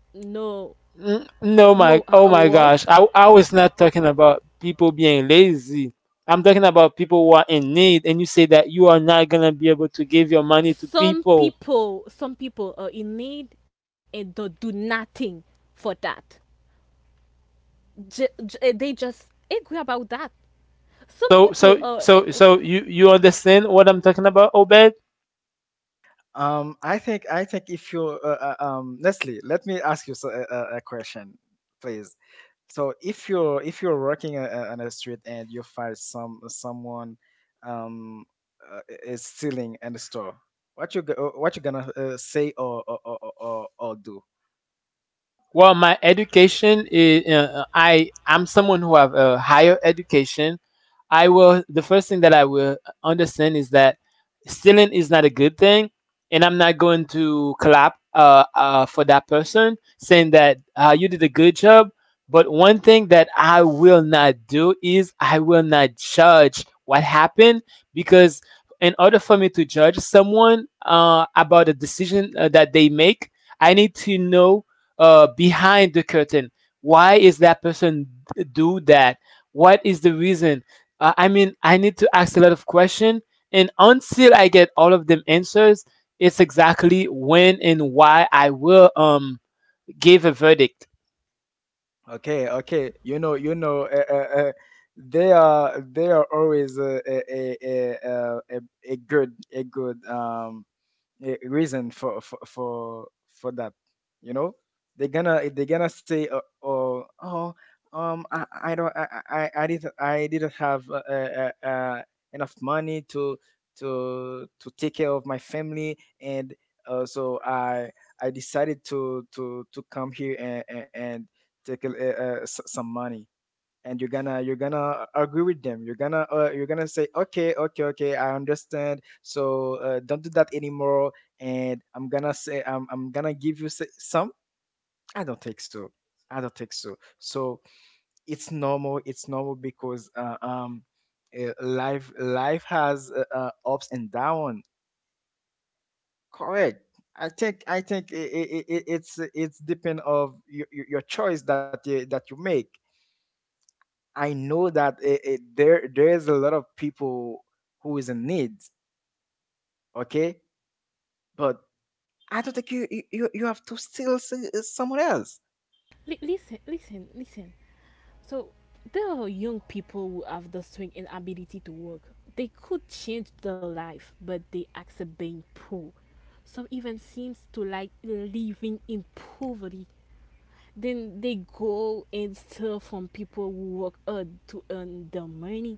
no
Mm, no,
no
my,
uh,
oh
uh,
my gosh.
work.
I, I was not talking about people being lazy. I'm talking about people who are in need, and you say that you are not gonna be able to give your money to
Some
people.
people, some people are in need and don't do nothing for that. J- j- they just angry about that. Some
So,
people,
so,
uh, eh,
so,
eh,
so you you understand what I'm talking about, Obed?
Um, I think I think if you, uh, uh, um Nestle, let me ask you, so- a, a a question, please. So if you're if you're working, a- a- on a street and you find some someone, um uh, is stealing in the store. What you go- what you gonna, uh, say or or, or or or or do?
Well, my education is uh, uh, I I'm someone who have a higher education. I will. The first thing that I will understand is that stealing is not a good thing, and I'm not going to clap uh, uh, for that person saying that uh, you did a good job. But one thing that I will not do is I will not judge what happened, because in order for me to judge someone uh, about a decision uh, that they make, I need to know uh, behind the curtain why is that person do that, what is the reason, uh, I mean, I need to ask a lot of questions, and until I get all of them answers, it's exactly when and why I will um give a verdict.
Okay, okay. you know you know uh, uh, uh, they are they are always, uh, a, a, a, a, a a good a good, um eh, reason for for for for that. You know, they're gonna they're gonna say, uh, oh oh um I I don't I I, I didn't I didn't have uh, uh, uh, uh, enough money to to to take care of my family, and uh, so i i decided to to to come here, and and, and take a, uh uh, s- some money. And you're gonna you're gonna uh, agree with them. You're gonna uh, you're gonna say, okay, okay, okay, I understand, so, uh, don't do that anymore. And I'm gonna say, i'm, I'm gonna give you s- some. I don't think so. I don't think so. So it's normal, it's normal, because uh, um uh, life life has, uh, uh, ups and down. Correct. I think i think it it it it's it's depend of your, your choice that you, that you make. I know that, it, it, there there is a lot of people who is in need, okay? But I don't think you you, you you have to steal s- someone else.
li- listen, listen, listen. So there are young people who have the strength and ability to work. They could change their life, but they accept being poor. Some even seems to like living in poverty. Then they go and steal from people who work hard to earn their money.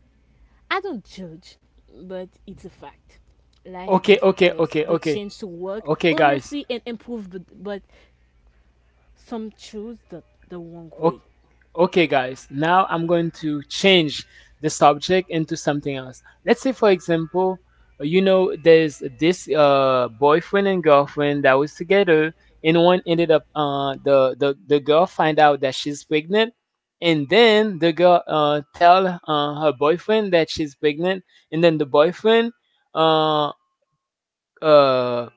I don't judge, but it's a fact. Life
Okay,
gives
okay,
us
okay,
the
okay,
chance to work
okay, guys.
honestly and improve, but, but some choose the, the wrong way.
Ok- Okay, guys, now I'm going to change the subject into something else. Let's say, for example, uh, you know, there's this uh, boyfriend and girlfriend that was together, and one ended up uh, the, the the girl find out that she's pregnant, and then the girl uh, tell uh, her boyfriend that she's pregnant, and then the boyfriend uh, uh,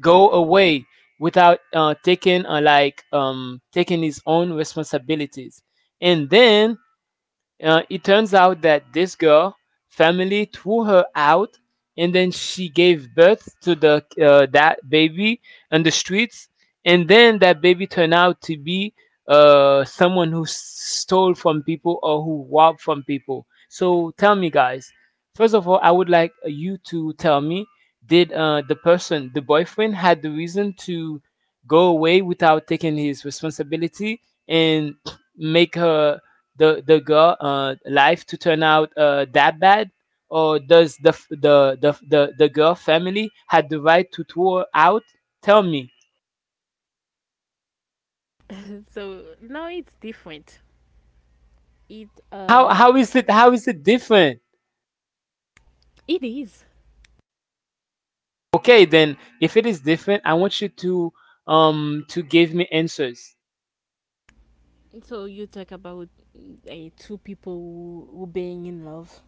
go away without uh, taking uh, like um, taking his own responsibilities, and then uh, it turns out that this girl family threw her out, and then she gave birth to the uh, that baby on the streets, and then that baby turned out to be uh, someone who s- stole from people or who robbed from people. So tell me, guys. First of all, I would like uh, you to tell me: Did uh, the person, the boyfriend, had the reason to go away without taking his responsibility and make her the the girl uh, life to turn out uh, that bad, or does the f- the the the the girl family had the right to throw her out? Tell me
So now it's different. It
how
uh,
how is it how is it different?
it is.
Okay, then if it is different, I want you to um to give me answers.
So you talk about uh, two people who, who being in love.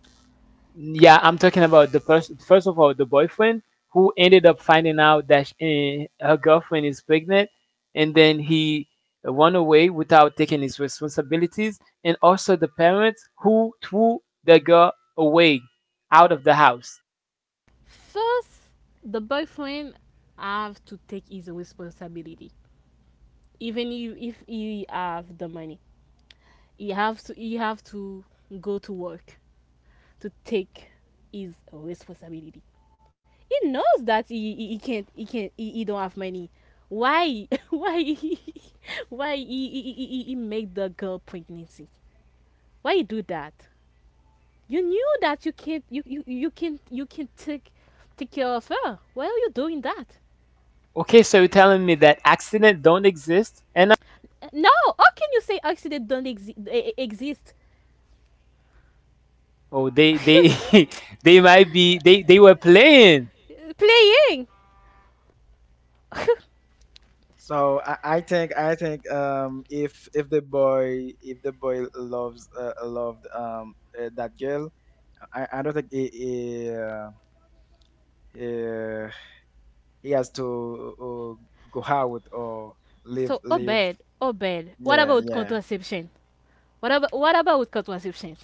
Yeah, I'm talking about the first. First of all, the boyfriend who ended up finding out that sh eh, her girlfriend is pregnant, and then he run away without taking his responsibilities, and also the parents who threw the girl away out of the house.
First, the boyfriend have to take his responsibility, even if, if he have the money. He have to he have to go to work to take his responsibility. He knows that he, he, he can't he can't he, he don't have money. Why why he, why he, he, he, he make the girl pregnancy? Why he do that? You knew that you can't you, you, you can't you can't take take care of her. Why are you doing that?
Okay, so you're telling me that accident don't exist, and
Uh, No, how can you say accident don't exi- e- e- exist?
oh, they they they might be they they were playing.
Playing.
So I, I think I think um if if the boy, if the boy loves uh, loved, um uh, that girl, I, I don't think he he, uh, uh, he has to, uh, go out or live
So
live
Obed, Obed. What
Yeah,
about
yeah.
contraception? What about what about contraception?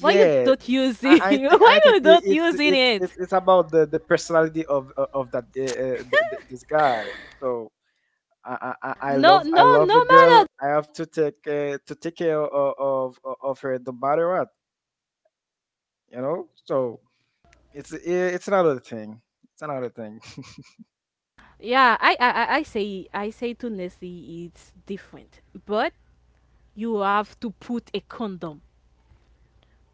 Why you don't
I,
using?
I think I
Why
think
you
it,
don't
it's
using
it's it's
it?
it's about the, the personality of of of that, uh, uh, th- th- this guy. So I, I I I
No,
love
no,
I love the
no
girl.
matter.
I have to take, uh, to take care of, of of her no matter what, you know. So it's eh, it's another thing. It's another thing.
Yeah, I, I, I- I say, I say to Nessie, it's different. But you have to put a condom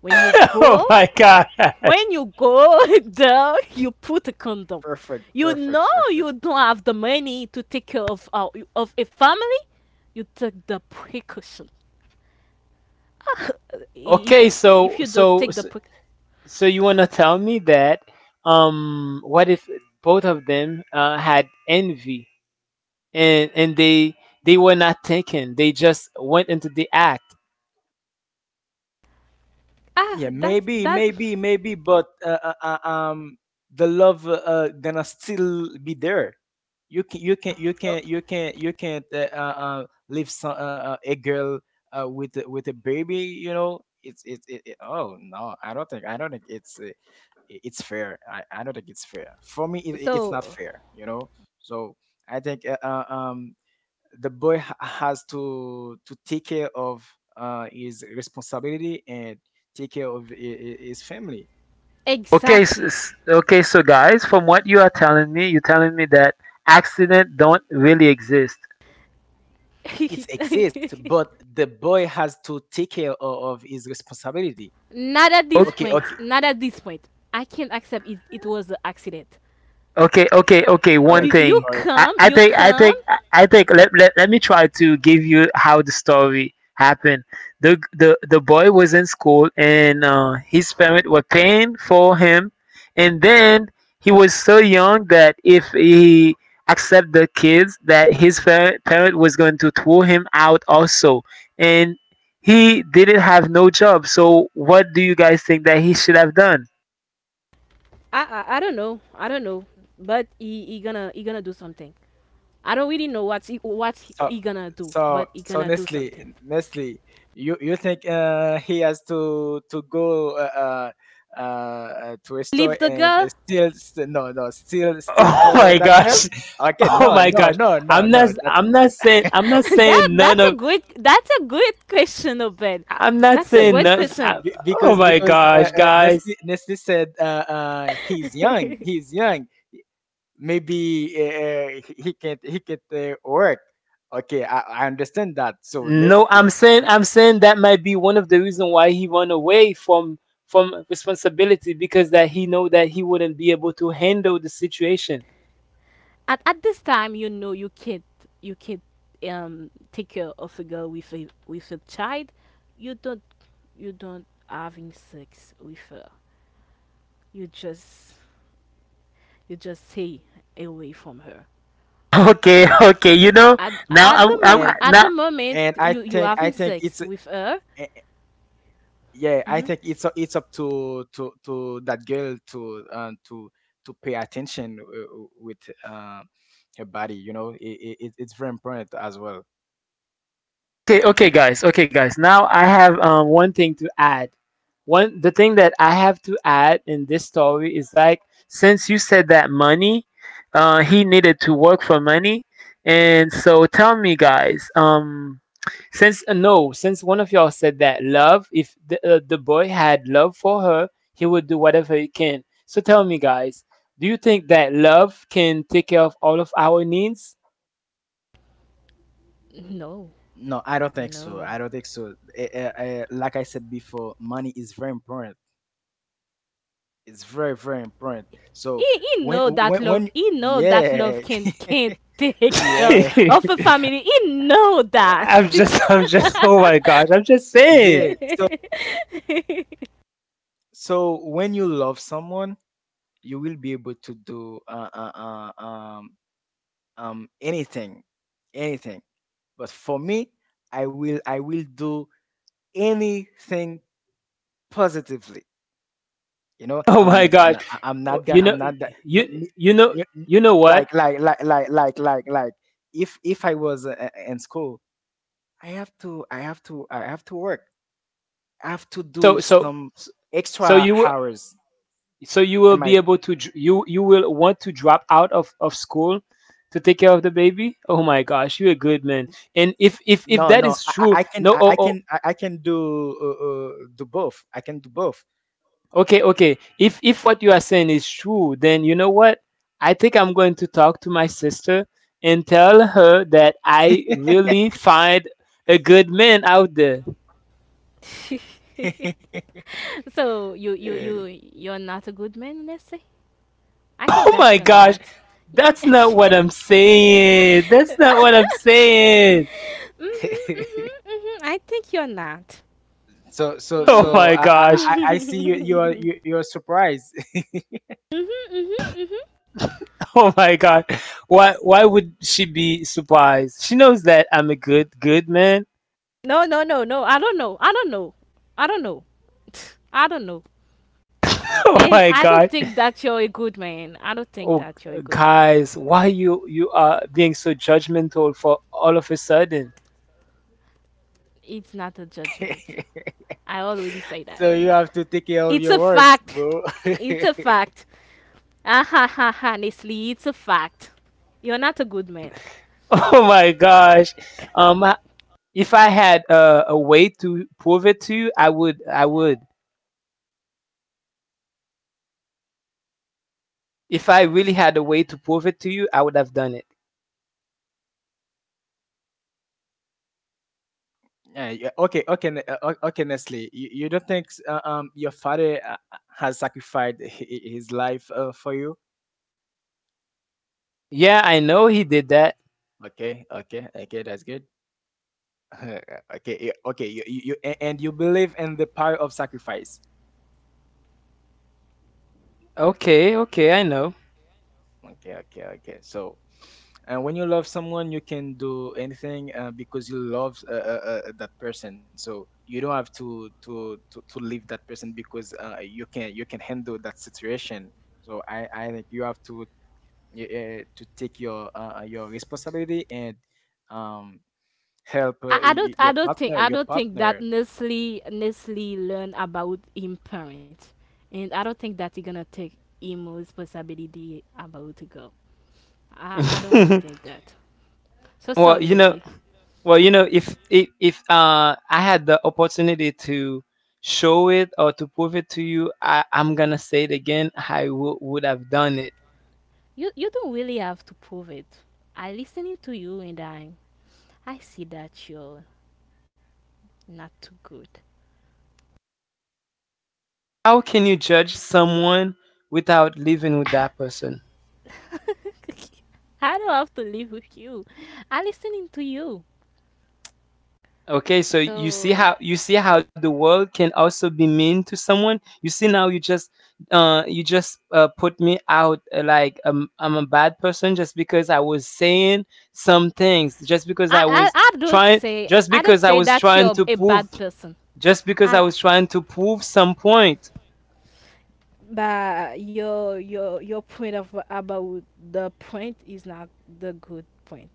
when you
Oh
go.
my god.
When you go there, you put a condom.
Perfect,
You
perfect,
know
perfect.
you don't have the money to take care of uh, of a family. You take the precaution.
Okay,
If if
so
you don't
so
take the pre-
So you wanna tell me that um what if both of them uh, had envy and and they they were not thinking, they just went into the act.
ah
Yeah,
that
maybe,
that
maybe, maybe, but uh, uh, uh, um, the love, uh, uh, gonna still be there. You can, you can, you
O-
can, you can, you can't uh, uh, uh, leave, some, uh, uh, a girl, uh, with a- with a baby. You know, it's it's it, it- Oh no, I don't think I don't think it's, uh, i- it's fair. I, I don't think it's fair. For me, it, it- it's not
so
fair. You know, so I think, uh, uh, um the boy, ha- has to to take care of, uh, his responsibility, and take care of hi- hi- his family.
Okay, s-
exactly.
s- okay. So guys, from what you are telling me, you're telling me that accident don't really exist.
It exists, but the boy has to take care of, of his responsibility.
Not at this
Okay,
point.
okay,
Not at this point. I can't accept it. It was an accident.
Okay, okay, okay. One
You
correct,
you
thing.
correct.
I,
come.
I
You
think I
come.
think I I think let, let, let me try to give you how the story happened. The the the boy was in school and uh, his parents were paying for him, and then he was so young that if he accept the kids that his fa- parent was going to throw him out also, and he didn't have no job. So what do you guys think that he should have done?
I I, I don't know. I don't know. But he, he gonna he gonna do something. I don't really know what's he, what he
So,
he gonna do, but
so,
he
so
gonna do
Nestle,
something.
Nestle, you you think, uh, he has to to go, uh, uh, uh, to a store
Leave the
and, uh,
girl.
steal? st- No, no, steal, steal
Oh
for
my
that girl.
gosh.
Okay,
Oh
no,
my
no,
gosh.
no, no,
I'm not
no. That.
I'm not saying I'm not
that
saying none
that's a
of
good that's a good question, Obed.
I'm not
That's a
Yeah,
saying
good
none
because
I,
question.
be-
Oh
because
my
because uh,
gosh,
uh,
guys.
Nestle Nestle said, uh, uh, he's young, he's young. Maybe uh, he he can't he can't, uh, work. Okay, I, I understand that. So
No,
Nestle,
I'm saying
you-
I'm saying that might be one of the reason why he run away from from responsibility because that he know that he wouldn't be able to handle the situation.
at at this time, you know, you can't you can't um take care of a girl with a with a child. You don't, you don't having sex with her. You just, you just stay away from her.
Okay, okay. You know,
at
now
at
I'm,
the
I'm
moment,
and
at the
now
moment
and
you
I
you
think
having
I think
sex
it's uh,
with her.
uh, yeah, I
Hmm.
think it's, uh, it's up to to to that girl to um, to to pay attention, uh, uh, with, uh, her body. You know, it, it, it's very important as well.
okay. Okay, guys. Okay, guys. Now I have um, one thing to add. One, the thing that I have to add in this story is like, since you said that money, uh, he needed to work for money, and so tell me, guys. Um, since uh, no, since one of y'all said that love, if the uh, the boy had love for her, he would do whatever he can. So tell me, guys, do you think that love can take care of all of our needs?
No,
No, I don't think so.
no,
I don't think so. Eh, eh, eh, like I said before, money is very important. It's very, very important.
he,
So
he
when,
know that
when,
love,
when,
he know that love
yeah.
can can't take care
Yeah,
of a family. He know that.
I'm just, I'm just, oh my gosh, I'm just saying.
yeah. So, so when you love someone, you will be able to do, uh, uh, uh, um, um, anything, anything. But for me, I will, I will do anything positively. You know,
Oh
I'm
my
not
gosh.
gonna, I, I'm
Oh,
not gonna,
you know,
I'm not that. No,
you,
me,
you know,
you- you-
you know what?
like, like, like, like, like, like, like. If if I was, uh, uh, in school, I have to, I have to, I have to work. I have to do
So, so,
some
so
extra
you will,
hours.
so you will
And my,
be able to, dr- you, you will want to drop out of of school to take care of the baby. Oh my gosh, you're a good man. And if if if
no,
that
no,
is
I, I
true,
I can,
no,
I,
oh,
I
oh
can, I, I can do, uh, uh, do both. I can do both.
okay. Okay. If if what you are saying is true, then you know what? I think I'm going to talk to my sister and tell her that I really find a good man out there.
So you you you you're not a good man, let's say. I think
Oh
that
my
you're
gosh.
not.
That's not
Mhm,
what I'm saying. That's not what I'm saying.
mhm, mhm. I think you're not.
so so
Oh
Mm.
so
my
I I,
gosh.
I I see you you're
Mhm,
you, you're surprised.
mhm, mhm.
Oh my god. Why why would she be surprised? She knows that I'm a good good man.
No, no, no, no. I don't know. I don't know. I don't know. I don't know.
Oh
And
my
I don't
gosh.
think that you're a good man. I don't think
Oh,
that you're a
g-
good man.
guys, why you you are being so judgmental for all of a sudden?
It's not a judgment. I already say that.
So you have to take care of
It's
your
a
words,
fact.
bro.
It's a fact. Ah ha ha ha! Honestly, it's a fact. You're not a good man.
Oh my gosh. Um, I- if I had a, a way to prove it to you, I would. I would. If I really had a way to prove it to you, I would have done it.
Yeah, yeah, okay, okay, n- uh, o- okay, Nestle. You, you don't think, uh, um your father, uh, uh, has sacrificed hi- hi- his life, uh, for you?
Yeah, I know he did that.
Okay, okay, okay, that's good. Okay, yeah, okay, you, you, you a- and you believe in the power of sacrifice.
Okay, okay, I know.
Okay, okay, okay. So, and when you love someone, you can do anything, uh, because you love, uh, uh, uh, that person. So you don't have to to to, to leave that person, because uh, you can you can handle that situation. So I I think you have to y- uh, to take your, uh, uh, your responsibility, and um help,
I,
uh,
I
y-
don't
y-
I
your
don't think
partner,
I
your
don't think that
partner.
Nestle Nestle learn about him parent, and I don't think that he gonna take him responsibility about to go. I I don't really think that. So sorry,
Well, you know,
Nestle.
well, you know, if if if uh I had the opportunity to show it or to prove it to you, I I'm gonna say it again. I w- would have done it.
You you don't really have to prove it. I listening to you, and I I see that you're not too good.
How can you judge someone without living with that person?
I don't have to live with you. I listening to you.
Okay, so you see
So,
how, you see how the world can also be mean to someone. You see now you just uh you just uh, put me out uh, like um, I'm a bad person just because I was saying some things, just because
I,
I
I
was
I don't
trying,
say
just
I don't
because I
say
was
that
trying
you're
to
a
prove,
bad person.
just because I
I.
was trying to prove some point.
But your your your point of about, the point is not the good point.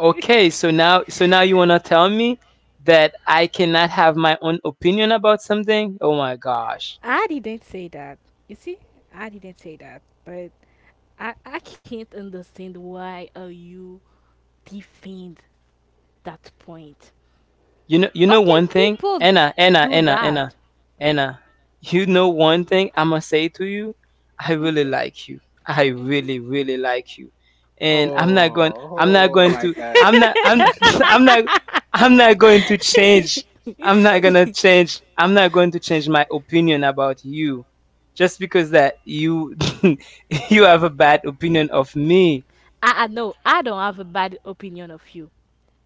Okay, so now, so now you wanna tell me that I cannot have my own opinion about something? Oh my gosh.
I didn't say that. You see, I didn't say that. But I I can't understand why are you defend that point.
You know, you
How
know
can
one thing,
people
Anna, Anna,
do
Anna, Anna,
that?
Anna. You know one thing I must say to you, I really like you. I really, really like you, and I'm not going. I'm not
Oh, oh
going
my
to.
God.
I'm not. I'm. I'm not. I'm not going to change. I'm not gonna change. I'm not going to change my opinion about you, just because that you you have a bad opinion of me.
I, I no, I don't have a bad opinion of you.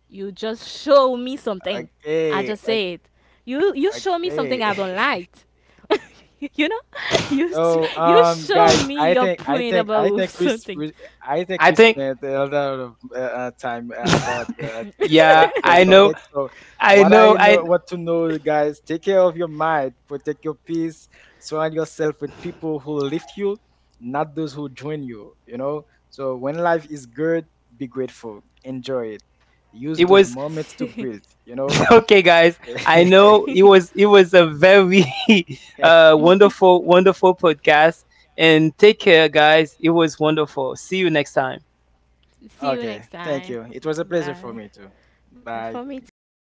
You just show me something. I
Okay,
just
o-
say it. You you show me something I
okay.
don't like. You know, you s-
So,
you
um,
show
guys,
me
I
your
think, I
point
think, I
about
think we, s-
something.
we I think
I
we
think.
spent a lot of, uh, uh, time, uh, about the the, sub,
Yeah,
the
I
subject.
know.
So,
I
what I
know.
know,
I
what to know, guys, take care of your mind, protect your peace, surround yourself with people who lift you, not those who join you. You know. So, when life is good, be grateful, enjoy it, use
it
those
was
moments to build. You know.
okay, guys, I know it was, it was a very uh wonderful wonderful podcast, and take care, guys. It was wonderful. See you next time.
See you next
Okay, thank
time.
you. It was a pleasure
Bye.
for me too.
Uh,
Bye.
For me too.